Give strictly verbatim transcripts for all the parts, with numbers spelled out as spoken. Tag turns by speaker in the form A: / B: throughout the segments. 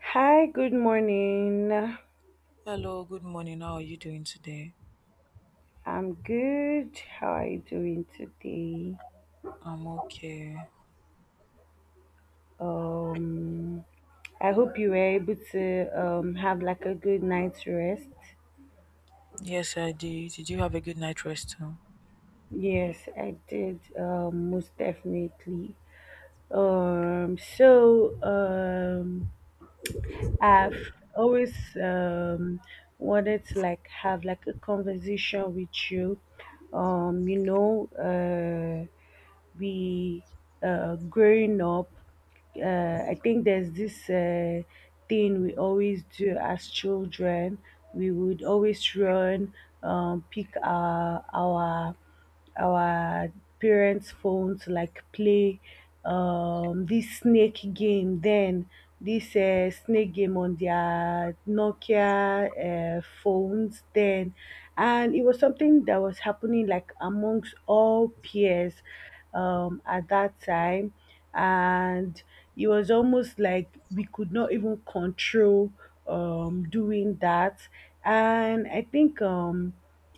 A: Hi, good morning.
B: Hello, good morning. How are you doing today?
A: I'm good. How are you doing today?
B: I'm okay.
A: Um, I hope you were able to um, have like a good night's rest.
B: Yes, I did. Did you have a good night rest? huh?
A: Yes, I did. Um, most definitely. Um, so um, I've always um wanted to like have like a conversation with you. Um, you know, uh, we uh, growing up, uh, I think there's this uh, thing we always do as children. We would always run, um, pick our our our parents' phone to like play um this snake game then, this uh, snake game on their Nokia uh, phones then, and it was something that was happening like amongst all peers um at that time. And it was almost like we could not even control um doing that. And I think um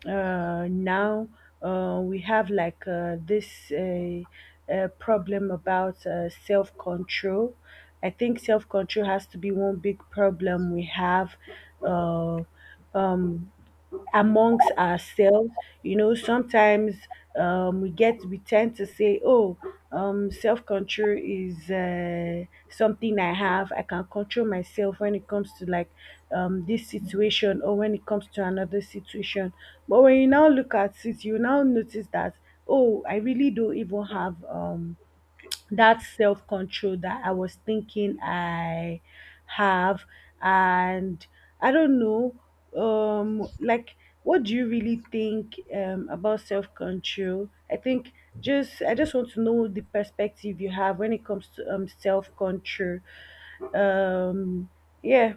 A: uh, now uh, we have like uh, this uh, uh, problem about uh, self control. I think self control has to be one big problem we have. Uh, um, Amongst ourselves. You know, sometimes um, we get we tend to say, "Oh, um, self control is uh, something I have. I can control myself when it comes to like um, this situation, or when it comes to another situation." But when you now look at it, you now notice that, oh, I really don't even have um that self-control that I was thinking I have. And I don't know, um like what do you really think um about self-control? I think, just I just want to know the perspective you have when it comes to um self-control. Um yeah,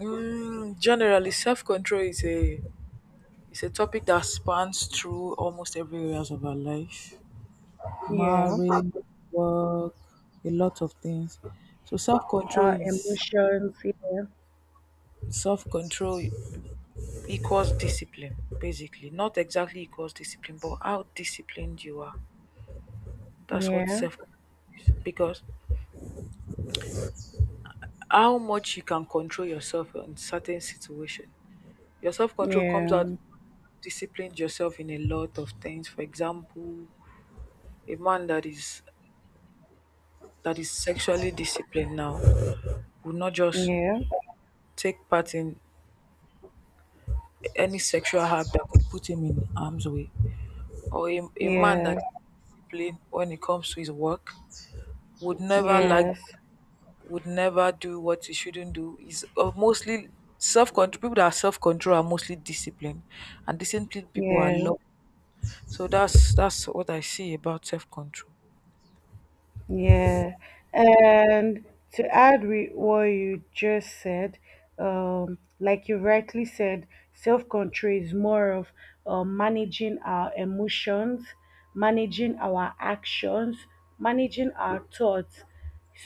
B: Mm, generally, self control is a is a topic that spans through almost every areas of our life,
A: yeah.
B: marriage, work, a lot of things. So self control
A: Our
B: is
A: emotions, yeah.
B: self control equals discipline, basically. Not exactly equals discipline, but how disciplined you are. That's what
A: Yeah,
B: self because how much you can control yourself in certain situation. Your self-control comes out
A: yeah,
B: disciplined yourself in a lot of things. For example, a man that is that is sexually disciplined now would not just
A: yeah,
B: take part in any sexual act that could put him in harm's way. Or a, a man that
A: yeah,
B: is disciplined when it comes to his work would never like
A: yes,
B: would never do what he shouldn't do. Is uh, mostly self-control. People that are self-control are mostly disciplined, and disciplined people are
A: yeah.
B: love. So that's that's what I see about self control.
A: Yeah, and to add with what you just said, um, like you rightly said, self-control is more of uh, managing our emotions, managing our actions, managing our thoughts,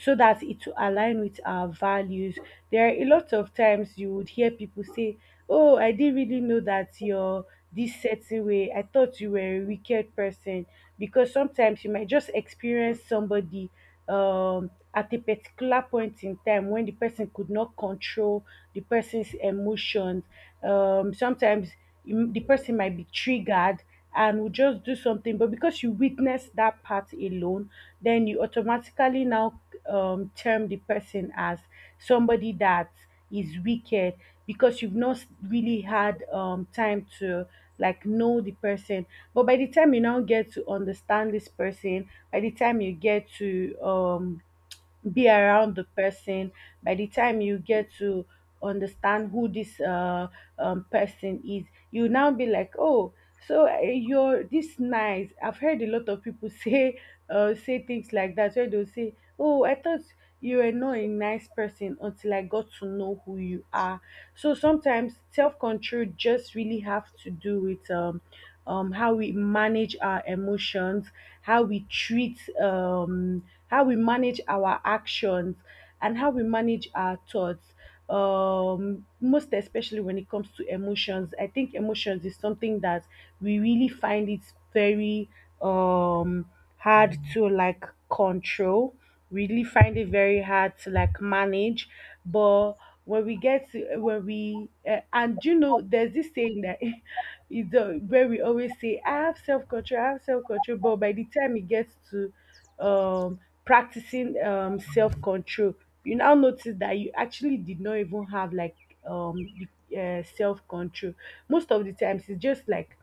A: so that it will align with our values. There are a lot of times you would hear people say, "Oh, I didn't really know that you're this certain way. I thought you were a wicked person." Because sometimes you might just experience somebody um, at a particular point in time when the person could not control the person's emotions. Um, sometimes you- the person might be triggered and will just do something, but because you witness that part alone, then you automatically now um, term the person as somebody that is wicked, because you've not really had um, time to like know the person. But by the time you now get to understand this person, by the time you get to um, be around the person, by the time you get to understand who this uh, um, person is, you now be like, oh, so uh, you're this nice. I've heard a lot of people say uh, say things like that, where they'll say, oh, I thought you were not a nice person until I got to know who you are. So sometimes self-control just really have to do with um um, how we manage our emotions, how we treat, um, how we manage our actions, and how we manage our thoughts. Um, most especially when it comes to emotions, I think emotions is something that we really find it very um hard to like control, really find it very hard to like manage. But when we get to when we uh, and you know, there's this saying that it's uh, where we always say, "I have self control, I have self control," but by the time it gets to um practicing um self control, you now notice that you actually did not even have like um you- uh, self control. Most of the times, it's just like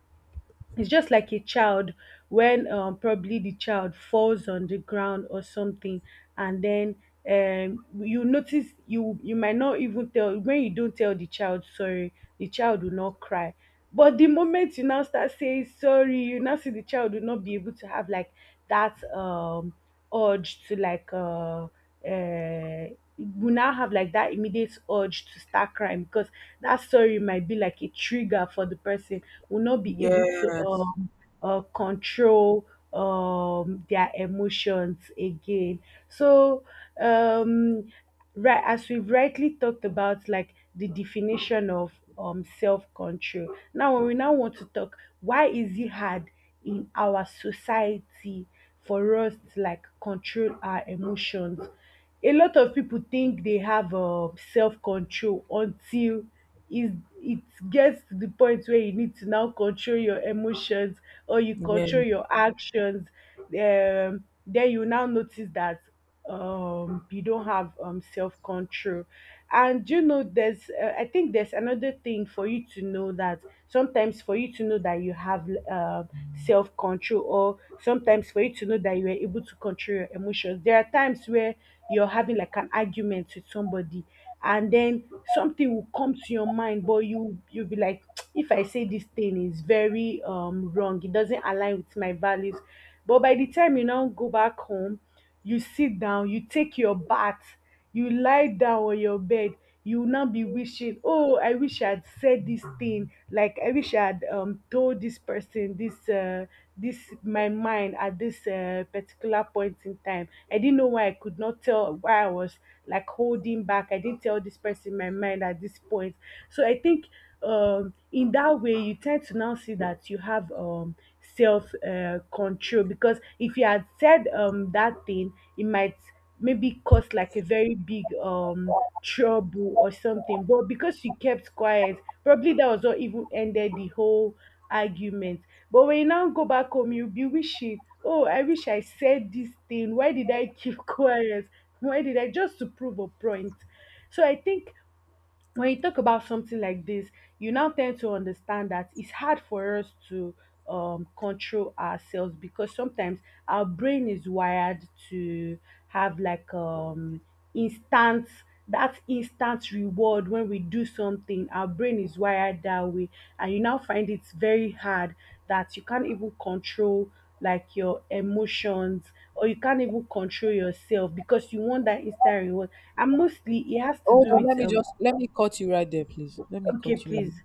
A: it's just like a child when, um, probably the child falls on the ground or something, and then um, you notice you you might not even tell. When you don't tell the child sorry, the child will not cry, but the moment you now start saying sorry, you now see the child will not be able to have like that um urge to like uh uh, we now have like that immediate urge to start crying, because that story might be like a trigger for the person, will not be able to
B: Yes,
A: um uh, control um their emotions again. So, um right, as we've rightly talked about, like the definition of um self-control. Now, when we now want to talk, why is it hard in our society for us to like control our emotions? A lot of people think they have um self-control until is it gets to the point where you need to now control your emotions or you control
B: yes.
A: your actions, um, then you now notice that um, you don't have um, self-control. And you know, there's uh, I think there's another thing for you to know: that sometimes for you to know that you have uh, self-control, or sometimes for you to know that you are able to control your emotions, there are times where you're having like an argument with somebody, and then something will come to your mind, but you you'll be like if I say this thing is very um wrong, it doesn't align with my values. But by the time you now go back home, you sit down, you take your bath, you lie down on your bed, you will now be wishing, oh, I wish I had said this thing. Like, I wish I had um told this person this uh this my mind at this uh, particular point in time. I didn't know why I could not tell why I was like holding back. I didn't tell this person my mind at this point. So I think um in that way you tend to now see that you have um self uh, control, because if you had said um that thing, it might maybe caused like a very big um trouble or something, but because she kept quiet, probably that was what even ended the whole argument. But when you now go back home, you'll be wishing, oh, I wish I said this thing, why did I keep quiet, why did I, just to prove a point. So I think when you talk about something like this, you now tend to understand that it's hard for us to um, control ourselves, because sometimes our brain is wired to have like um, instant that instant reward when we do something. Our brain is wired that way, and you now find it's very hard that you can't even control like your emotions, or you can't even control yourself because you want that instant reward, and mostly it has to
B: Hold
A: do
B: on,
A: with
B: let me
A: um
B: just let me cut you right there, please. Let me
A: Okay,
B: cut you. Right.
A: please,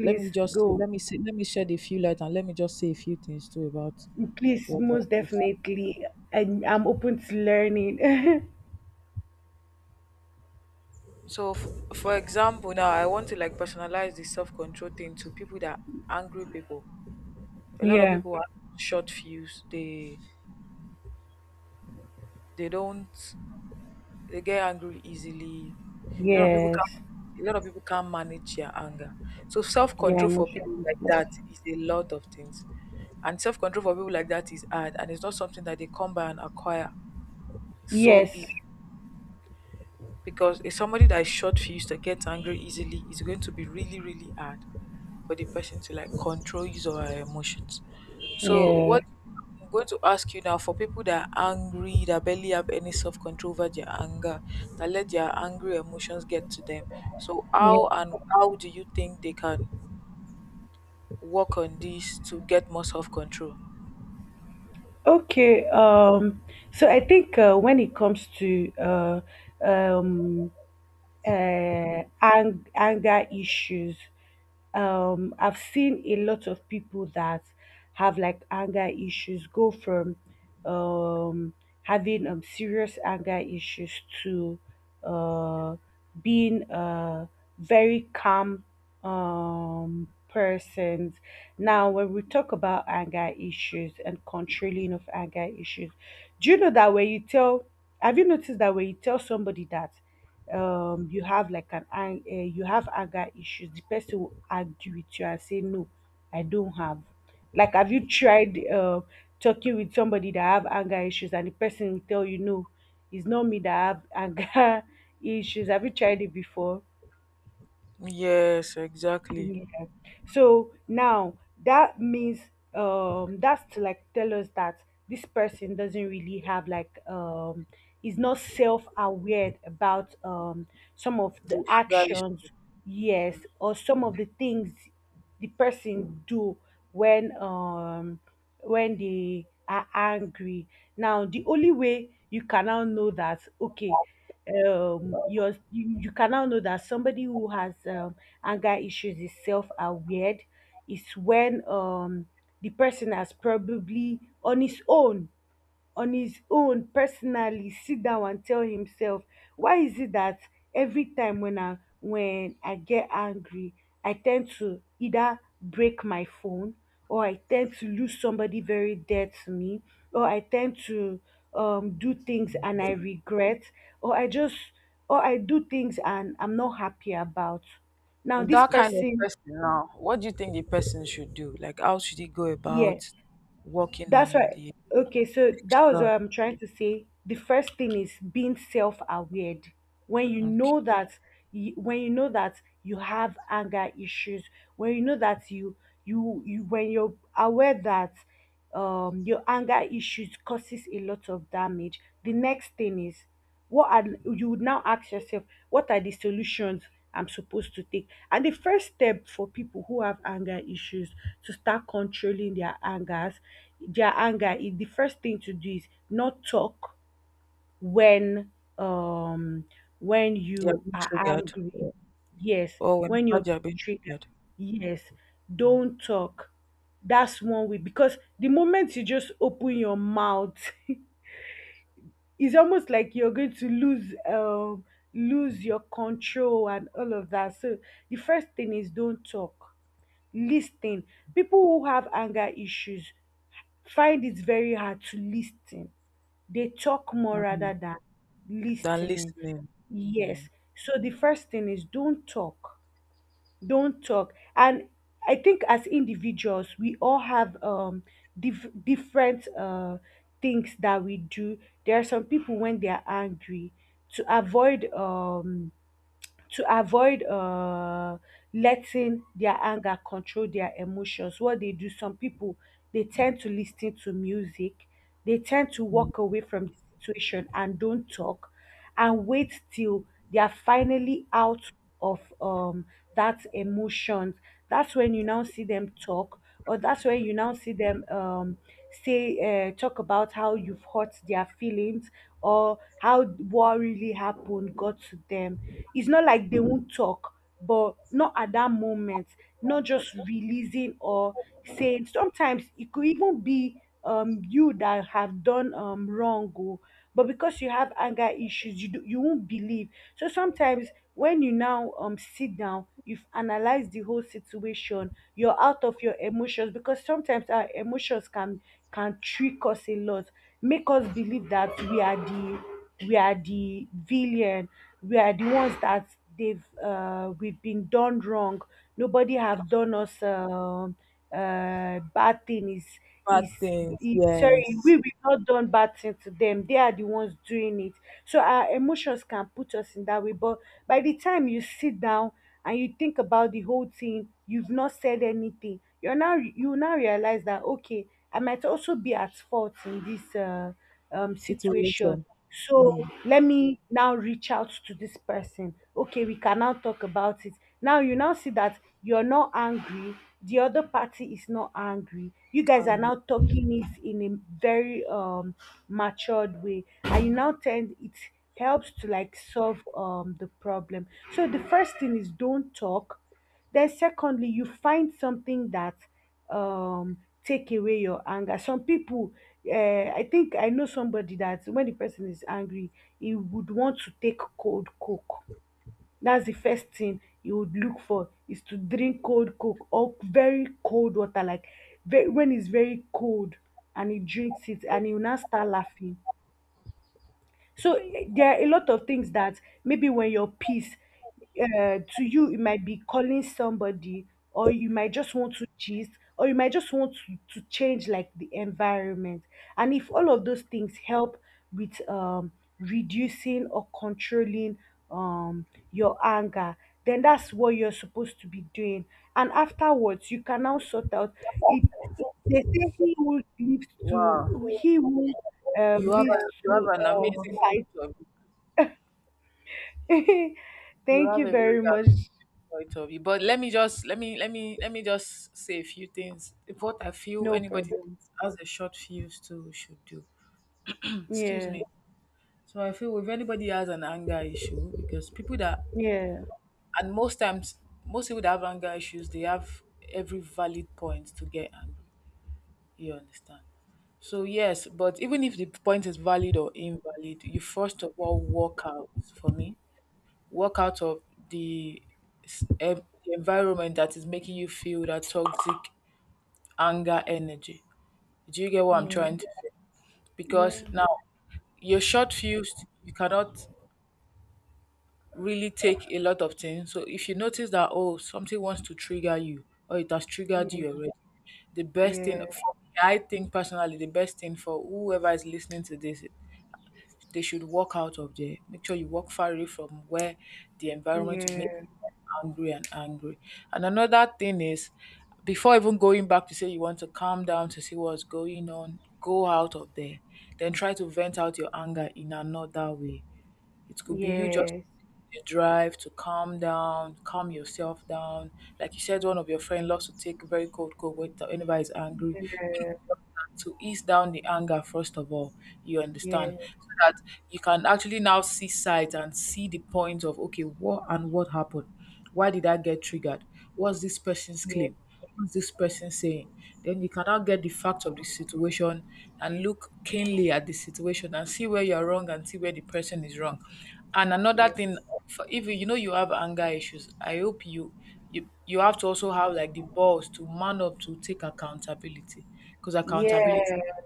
B: Let me just
A: go.
B: let me say let me shed a few light and let me just say a few things too about
A: Please,
B: what that
A: most
B: is.
A: definitely. And I'm open to learning.
B: So, f- for example, now I want to like personalize the self control thing to people that are angry people. A lot of
A: Yeah.
B: people are short fuse. They they don't. They get angry easily. A lot of people can
A: Yes.
B: a lot of people can't manage their anger. So self
A: Yeah,
B: control for people
A: emotional.
B: like that is a lot of things. And self control for people like that is hard and it's not something that they come by and acquire so easy
A: Yes.
B: because if somebody that is short fused that gets angry easily is going to be really really hard for the person to like control his or her emotions. So
A: Yeah.
B: what I'm going to ask you now for people that are angry that barely have any self-control over their anger, that let their angry emotions get to them, so
A: Yeah.
B: how and how do you think they can work on this to get more self-control?
A: Okay. Um. So I think uh, when it comes to uh, um, uh, ang- anger issues. Um, I've seen a lot of people that have like anger issues go from um, having um, serious anger issues to uh, being uh, very calm um persons. Now, when we talk about anger issues and controlling of anger issues, do you know that when you tell have you noticed that when you tell somebody that um you have like an ang- eh, you have anger issues, the person will argue with you and say no, I don't have. Like, have you tried uh, talking with somebody that have anger issues and the person will tell you no, it's not me that have anger issues? Have you tried it before?
B: Yes, exactly.
A: Yeah. So now, that means, um that's to like tell us that this person doesn't really have like um is not self-aware about um some of
B: The
A: the
B: anger is
A: actions, yes, or some of the things the person do when um when they are angry. Now, the only way you can now know that, okay, um your you, you can now know that somebody who has um, anger issues is self-aware is when um the person has probably on his own on his own personally sit down and tell himself, why is it that every time when i when I get angry, I tend to either break my phone, or I tend to lose somebody very dear to me, or I tend to um, do things and I regret, or i just or I do things and I'm not happy about. Now, this
B: that kind of
A: person…
B: person now, what do you think the person should do? Like, how should he go about
A: Yeah.
B: working
A: That's
B: on
A: right.
B: the
A: Okay, so that was
B: extra?
A: what I'm trying to say. The first thing is being self-aware. When you
B: Okay,
A: know that, you, when you know that you have anger issues, when you know that you you you when you're aware that um your anger issues causes a lot of damage, the next thing is, what are you would now ask yourself, what are the solutions I'm supposed to take? And the first step for people who have anger issues to start controlling their angers, their anger, is the first thing to do is not talk when um when
B: they are
A: you
B: being
A: are
B: triggered,
A: angry. Yes,
B: or
A: when
B: whenever
A: you're
B: they are being
A: triggered.
B: triggered,
A: Yes, don't talk. That's one way because the moment you just open your mouth it's almost like you're going to lose um lose your control and all of that, so the first thing is don't talk. Listen. People who have anger issues find it very hard to listen. They talk more
B: mm
A: rather than
B: than
A: listening.
B: listening. Mm.
A: Yes, so the first thing is don't talk, don't talk. And I think as individuals we all have um dif- different uh things that we do. There are some people, when they are angry, to avoid, um to avoid uh letting their anger control their emotions, what they do, some people, they tend to listen to music, they tend to walk away from the situation and don't talk, and wait till they are finally out of um that emotions. That's when you now see them talk, or that's when you now see them, um say uh, talk about how you've hurt their feelings or how what really happened got to them. It's not like they won't talk, but not at that moment, not just releasing. Or, saying, sometimes it could even be um you that have done um wrong, oh, but because you have anger issues, you do, you won't believe. So sometimes when you now um sit down, you've analyzed the whole situation, you're out of your emotions, because sometimes our emotions can can trick us a lot, make us believe that we are the, we are the villain, we are the ones that, they've uh, we've been done wrong, nobody have done us um uh, bad thing. is
B: Bad
A: is
B: things,
A: is- Sorry,
B: yes.
A: we we've not done bad thing to them, they are the ones doing it. So our emotions can put us in that way. But by the time you sit down and you think about the whole thing, you've not said anything, you're now you now realize that, okay, I might also be at fault in this uh um, situation.
B: Situation.
A: So
B: Mm.
A: let me now reach out to this person. Okay, we can now talk about it. Now you now see that you're not angry. The other party is not angry. You guys are
B: Angry.
A: now talking it in a very um matured way, and you now tend, it helps to like solve um the problem. So the first thing is don't talk. Then secondly, you find something that um take away your anger. Some people, uh, I think I know somebody that when the person is angry, he would want to take cold coke. That's the first thing you would look for, is to drink cold coke or very cold water, like, ve- when it's very cold, and he drinks it and he will now start laughing. So, eh, there are a lot of things that, maybe when you're pissed, uh, to you it might be calling somebody, or you might just want to gist, or you might just want to, to change like the environment. And if all of those things help with um, reducing or controlling um, your anger, then that's what you're supposed to be doing. And afterwards, you can now sort out it. They say he who lives
B: Wow,
A: to, he who um,
B: you have a,
A: leads
B: you have
A: to
B: an
A: uh,
B: amazing
A: fight.
B: point. You
A: Thank
B: have
A: you
B: a very
A: very much.
B: right, of you. But let me just let me let me let me just say a few things. What I feel
A: No
B: anybody
A: problem.
B: has a short fuse too should do. Excuse
A: Yeah,
B: me. So I feel if anybody has an anger issue, because people that
A: yeah,
B: and most times most people that have anger issues, they have every valid point to get angry. You understand? So yes, but even if the point is valid or invalid, you first of all walk out for me. Walk out of the s- en- environment that is making you feel that toxic anger energy. Do you get what I'm
A: yeah,
B: trying to say?
A: yeah,
B: Because now you're short fused, you cannot really take a lot of things. So if you notice that oh something wants to trigger you or it has triggered you
A: yeah,
B: already, the best thing for
A: yeah,
B: me, I think personally the best thing for whoever is listening to this, they should walk out of there. Make sure you walk far away from where the environment will make
A: yeah,
B: you angry and angry. And another thing is, before even going back to say you want to calm down to see what's going on, go out of there. Then try to vent out your anger in another way. It could be you just
A: yes, yeah,
B: a drive to calm down, calm yourself down. Like you said, one of your friend loves to take very cold cold water whenever he's angry. Even to ease down the anger first of all, you understand,
A: yeah,
B: so that you can actually now see sides and see the point of okay what and what happened, why did I get triggered? What's this person's claim? What's this person saying? Then you can now get the fact of the situation and look keenly at the situation and see where you're wrong and see where the person is wrong. And another thing, for if you you know you have anger issues, I hope you you you have to also have like the balls to man up to take accountability, because
A: yeah,
B: accountability,
A: yeah,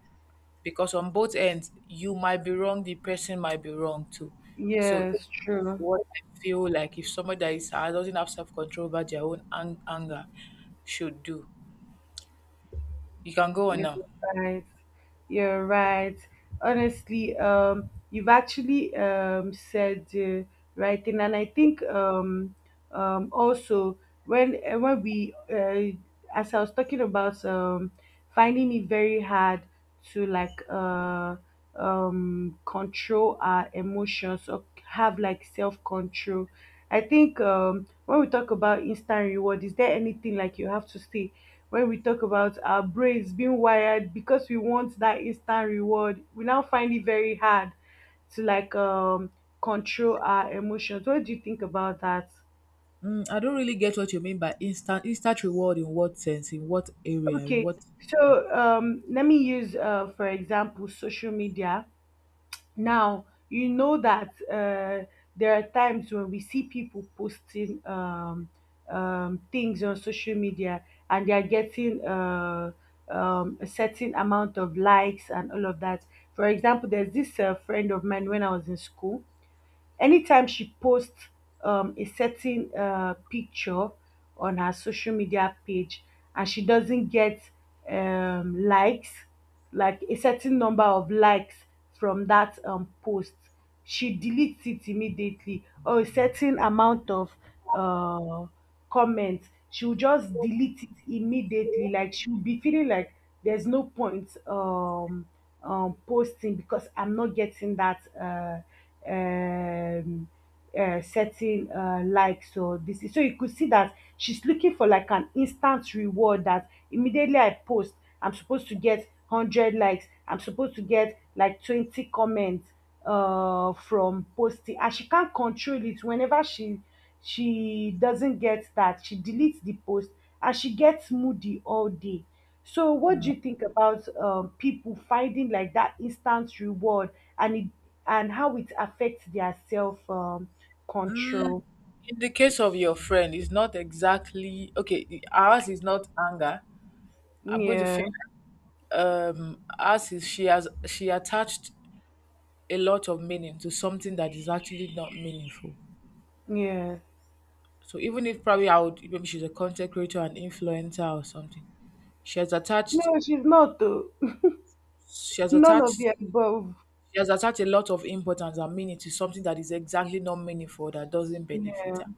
B: because on both ends you might be wrong, the person might be wrong too. So
A: yes, true.
B: what I feel like if somebody that is uh, doesn't have self control over their own ang- anger should do. You can go on
A: You're
B: now.
A: right. You're right. Honestly, um, you've actually um, said the right thing. And I think, um, um, also, when eh, when we uh, as I was talking about, um, finding it very hard to like, uh, um, control our emotions or have like self control. I think, um, when we talk about instant reward, is there anything like you have to say? When we talk about our brains being wired because we want that instant reward, we now find it very hard to like um control our emotions. What do you think about that?
B: Mm, I don't really get what you mean by instant instant reward, in what sense, in what area, in
A: Okay,
B: what.
A: so, um, let me use, uh, for example, social media. Now, you know that, uh, there are times when we see people posting, um, um, things on social media, and they are getting, uh, um, a certain amount of likes and all of that. For example, there's this uh, friend of mine. When I was in school, anytime she posts um, a certain uh, picture on her social media page, and she doesn't get um, likes, like a certain number of likes from that um, post, she deletes it immediately. Or a certain amount of uh, comment, she'll just delete it immediately. Like, she'll be feeling like there's no point um um posting because I'm not getting that uh um uh, certain uh, likes or this. So you could see that she's looking for like an instant reward, that immediately I post, I'm supposed to get one hundred likes, I'm supposed to get like twenty comments uh from posting. And she can't control it. Whenever she she doesn't get that, she deletes the post and she gets moody all day. So, what do you think about, um, people finding like that instant reward, and it, and how it affects their self um, control?
B: In the case of your friend, it's not exactly okay. the- Ours is not anger. I'm going to feel
A: Yeah,
B: um ours is she has she attached a lot of meaning to something that is actually not meaningful.
A: yeah.
B: So even if probably I would maybe she's a content creator, an influencer or something, she has attached
A: No, she's not though.
B: She has
A: None of
B: attached
A: the above.
B: she has attached a lot of importance and meaning to something that is exactly not meaningful that doesn't benefit
A: Yeah,
B: her.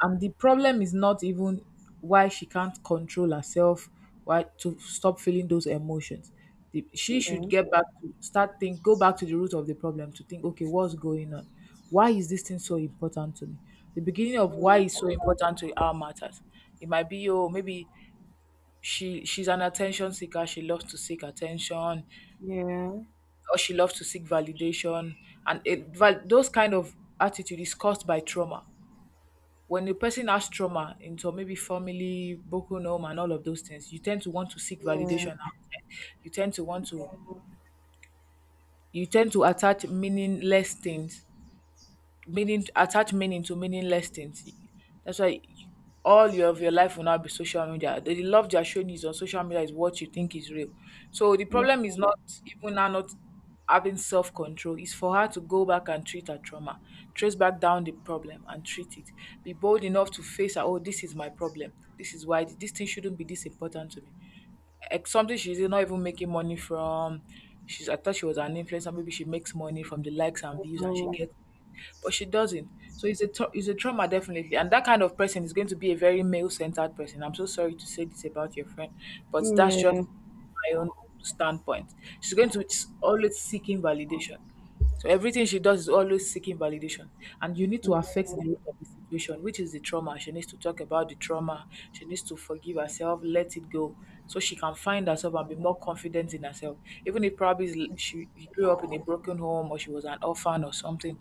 B: And the problem is not even why she can't control herself, why to stop feeling those emotions. The, she should
A: yeah,
B: get back to start think go back to the root of the problem to think, okay, what's going on? Why is this thing so important to me? The beginning of why it's
A: mm,
B: so important to our matters. It might be oh maybe she she's an attention seeker, she loves to seek attention
A: yeah,
B: or she loves to seek validation, and it val- those kind of attitude is caused by trauma. When a person has trauma into maybe family broken home and all of those things, you tend to want to seek
A: yeah,
B: validation outside. you tend to want to you tend to attach meaningless things meaning attach meaning to meaningless things. That's why all your, of your life will now be social media. The, love they're showing is on social media is what you think is real. So the problem is not even now not having self control. It's for her to go back and treat her trauma, trace back down the problem and treat it. Be bold enough to face her. Oh, this is my problem. This is why this thing shouldn't be this important to me. Like something she's not even making money from. She's I thought she was an influencer. Maybe she makes money from the likes and views, and she
A: oh,
B: gets but she doesn't. So it's a tra- it's a trauma definitely, and that kind of person is going to be a very male centered person. I'm so sorry to say this about your friend, but that's just
A: yeah,
B: my own standpoint. She's going to s- always seeking validation. So everything she does is always seeking validation. And you need to affect the root of the situation, which is the trauma. She needs to talk about the trauma. She needs to forgive herself, let it go, so she can find herself and be more confident in herself. Even if probably is- she grew up in a broken home or she was an orphan or something,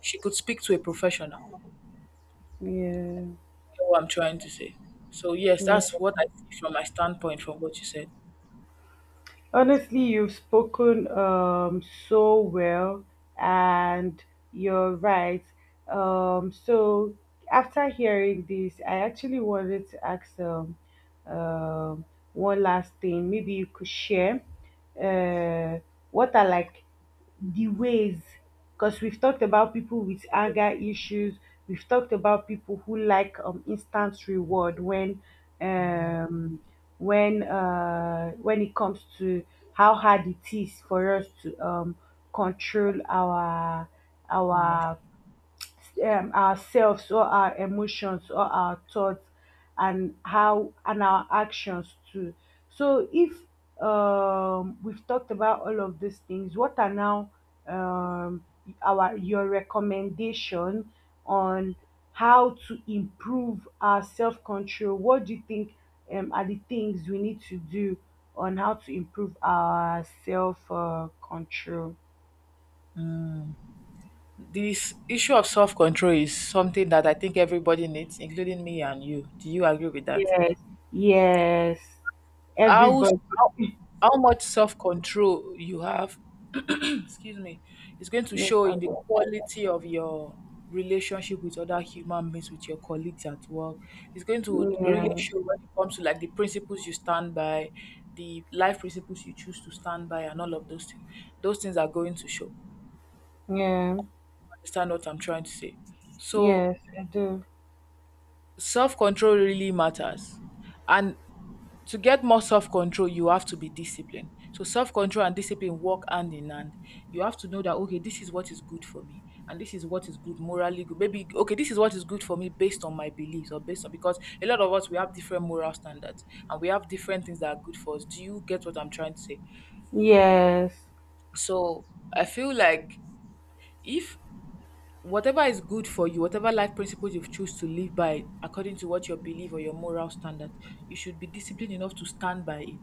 B: she could speak to a professional. You
A: yeah,
B: know what I'm trying to say. So yes,
A: yeah.
B: that's what I see from my standpoint from what you said.
A: Honestly, you've spoken, um, so well, and you're right. Um, so, after hearing this, I actually wanted to ask, um, um one last thing. Maybe you could share, uh, what are like the ways, because we've talked about people with anger issues, we've talked about people who like, um, instant reward, when, um when uh when it comes to how hard it is for us to um control our
B: Amos.
A: our um, ourselves or our emotions or our thoughts, and how and our actions too. So if, um, we've talked about all of these things, what are now, um, our your recommendation on how to improve our self-control? What do you think, um, are the things we need to do on how to improve our self uh, control?
B: This issue of self control is something that I think everybody needs, including me and you. Do you agree with that?
A: Yes. Yes,
B: how
A: everybody.
B: how, how much self control you have excuse me is going to
A: No
B: show in the
A: problem.
B: quality of your relationship with other human beings, with your colleagues at work. It's going to really
A: Yeah,
B: show when it comes to like the principles you stand by, the life principles you choose to stand by and all of those things, those things are going to show.
A: yeah,
B: Understand what I'm trying to say? So
A: yes, I do.
B: self control really matters, and to get more self-control, you have to be disciplined. So self-control and discipline work hand in hand. You have to know that okay, this is what is good for me, and this is what is good morally good. Maybe okay, this is what is good for me based on my beliefs or based on because a lot of us we have different moral standards and we have different things that are good for us. Do you get what I'm trying to say?
A: Yes,
B: So I feel like if whatever is good for you, whatever life principles you've choose to live by according to what your belief or your moral standard, you should be disciplined enough to stand by it.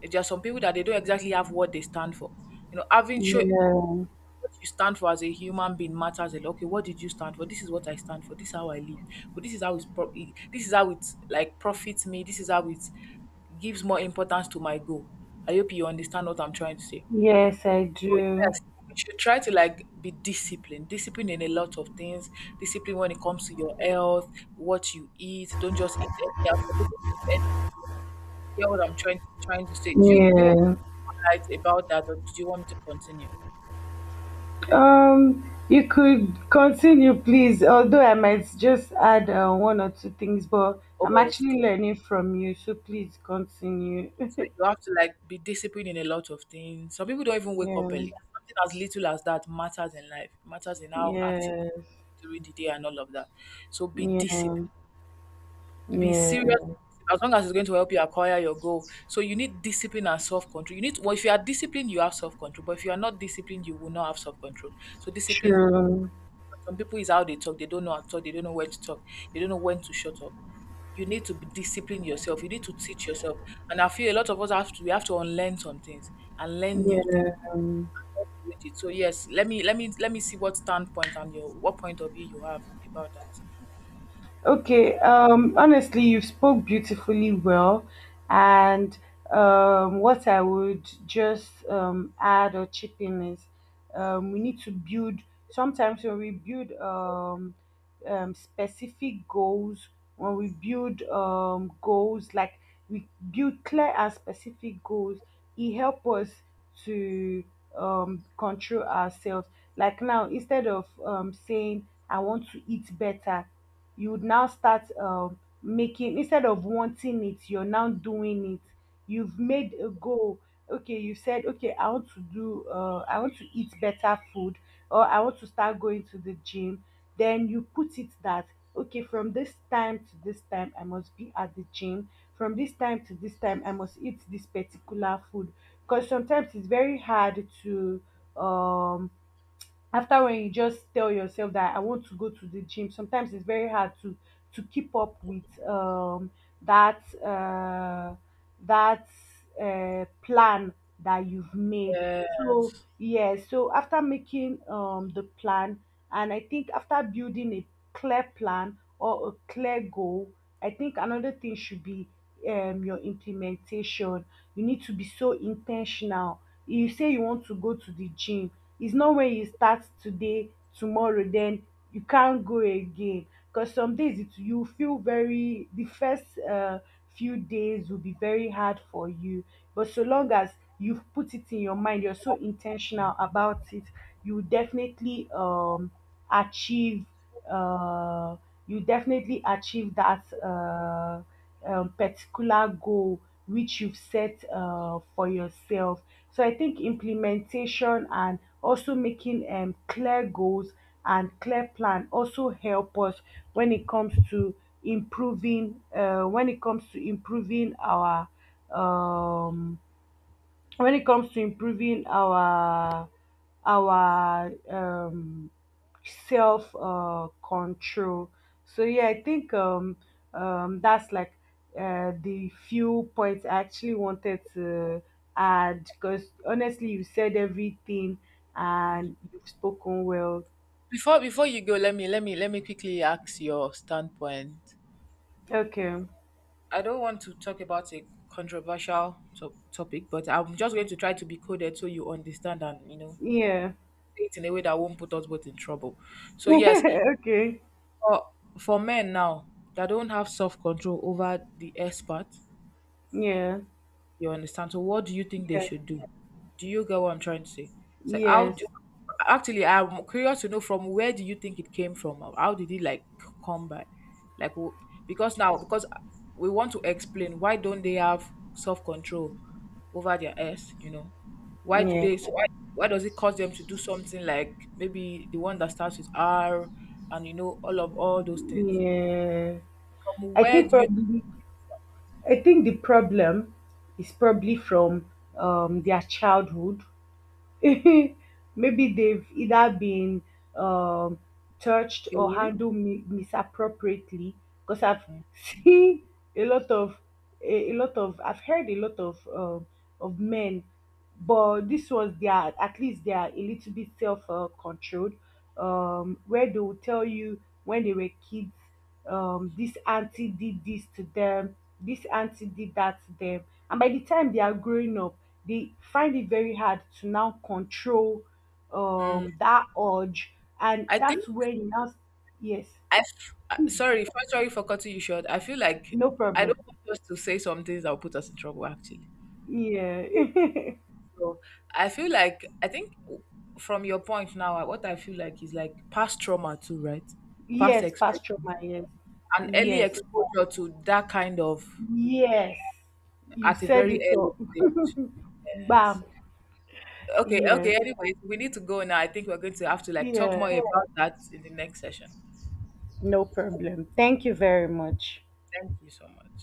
B: If there are some people that they don't exactly have what they stand for, you know, having show
A: yeah,
B: what you stand for as a human being matters a lot. Okay, what did you stand for? This is what I stand for. This is how I live. But this is how it's pro- it- this is how it like profits me. This is how it gives more importance to my goal. I hope you understand what I'm trying to say.
A: yes, I
B: So
A: do.
B: yes, we should try to like be disciplined. Discipline in a lot of things. Discipline when it comes to your health, what you eat. Don't just eat anyhow. Some people eat anyhow. Hear what I'm trying trying to say. Do you do you want
A: Yeah.
B: to highlight about that, or do you want me to continue?
A: Um, you could continue, please. Although I might just add uh, one or two things, but I'm
B: Oh, of
A: actually
B: course.
A: learning from you, so please continue.
B: So you have to like be disciplined in a lot of things. Some people don't even wake up
A: Yeah,
B: early. Something as little as that matters in life. Matters in how active you
A: yes,
B: are during the day and all of that. So be
A: yeah,
B: disciplined. Be
A: yeah.
B: serious as long as it's going to help you acquire your goal. So you need discipline and self control. You need well, if you are disciplined, you have self control. But if you are not disciplined, you will not have self control. So discipline.
A: True.
B: Some people is how they talk. They don't know how to talk. They don't know when to talk. They don't know when to shut up. You need to be discipline yourself. You need to teach yourself. And I feel a lot of us have to. We have to unlearn some things and learn new
A: Yeah.
B: things. With it. So yes, let me let me let me see what standpoint and your what point of view you have about that.
A: Okay, um, honestly, you spoke beautifully well. And um, what I would just um, add or chip in is, um, we need to build. Sometimes when we build, um, um, specific goals, when we build, um, goals like, we build clear and specific goals, it help us to um, control ourselves. Like now, instead of um, saying I want to eat better, you would now start um, making, instead of wanting it, you're now doing it. You've made a goal. Okay, you said, okay, I want to do, uh, I want to eat better food, or I want to start going to the gym. Then you put it that, okay, from this time to this time I must be at the gym, from this time to this time I must eat this particular food, because sometimes it's very hard to, um after, when you just tell yourself that I want to go to the gym, sometimes it's very hard to to keep up with um that uh that uh, plan that you've made.
B: Uh,
A: So yeah, so after making, um, the plan, and I think after building a clear plan or a clear goal, I think another thing should be, um, your implementation. You need to be so intentional. You say you want to go to the gym. It's not, when you start today, tomorrow then you can't go again, because some days, it, you feel very, the first uh, few days will be very hard for you. But so long as you've put it in your mind, you're so intentional about it, you will definitely um achieve, uh, you definitely achieve that, uh, um, particular goal which you've set, uh, for yourself. So I think implementation, and also making, um, clear goals and clear plan, also help us when it comes to improving, uh, when it comes to improving our, um, when it comes to improving our our um, self uh, control. So yeah, I think, um, um, that's like, uh, the few points I actually wanted to add, because honestly, you said everything and you've spoken well.
B: Before before you go, let me let me let me quickly ask your standpoint.
A: Okay.
B: I don't want to talk about a controversial to- topic, but I'm just going to try to be coded so you understand and you know
A: Yeah.
B: say it in a way that won't put us both in trouble. So yes,
A: Okay.
B: for for men now that don't have self control over the expert.
A: Yeah.
B: You understand? So what do you think they
A: Yeah.
B: should do? Do you get what I'm trying to say? So how do
A: Yes.
B: Actually, I'm curious to know from where do you think it came from? Or how did it like c- come by? Like w- because now because we want to explain why don't they have self control over their s? You know why do
A: Yeah.
B: they? so Why, why does it cause them to do something like maybe the one that starts with R and you know all of all those things?
A: Yeah.
B: From
A: I
B: where
A: think
B: do
A: probably, I think the problem is probably from um, their childhood. Maybe they've either been um, touched or
B: you?
A: handled mi- misappropriately. Because I've seen a lot of, a, a lot of I've heard a lot of, um of men, but this was, they are, at least they are a little bit self uh, controlled. Um, where they will tell you when they were kids, um, this auntie did this to them, this auntie did that to them. And by the time they are growing up, they find it very hard to now control um, that urge. And
B: I think
A: that's when you now, yes,
B: I f- uh,
A: please,
B: sorry, first sorry for cutting you short. I feel like
A: no
B: I
A: problem.
B: don't want us to say some things that will put us in trouble. Actually,
A: Yeah.
B: so I feel like I think w- from your point now, uh, what I feel like is like past trauma too, right? Past
A: Yes, Pastor
B: experience,
A: Ma, yes.
B: an early
A: Yes.
B: exposure to that kind of
A: Yes. You
B: at a
A: said
B: very
A: it
B: early
A: all.
B: stage. Yes.
A: Bam.
B: Okay.
A: Yes.
B: Okay. Anyway, we need to go now. I think we're going to have to like talk
A: Yeah.
B: more about that in the next session.
A: No problem. Thank you very much.
B: Thank you so much.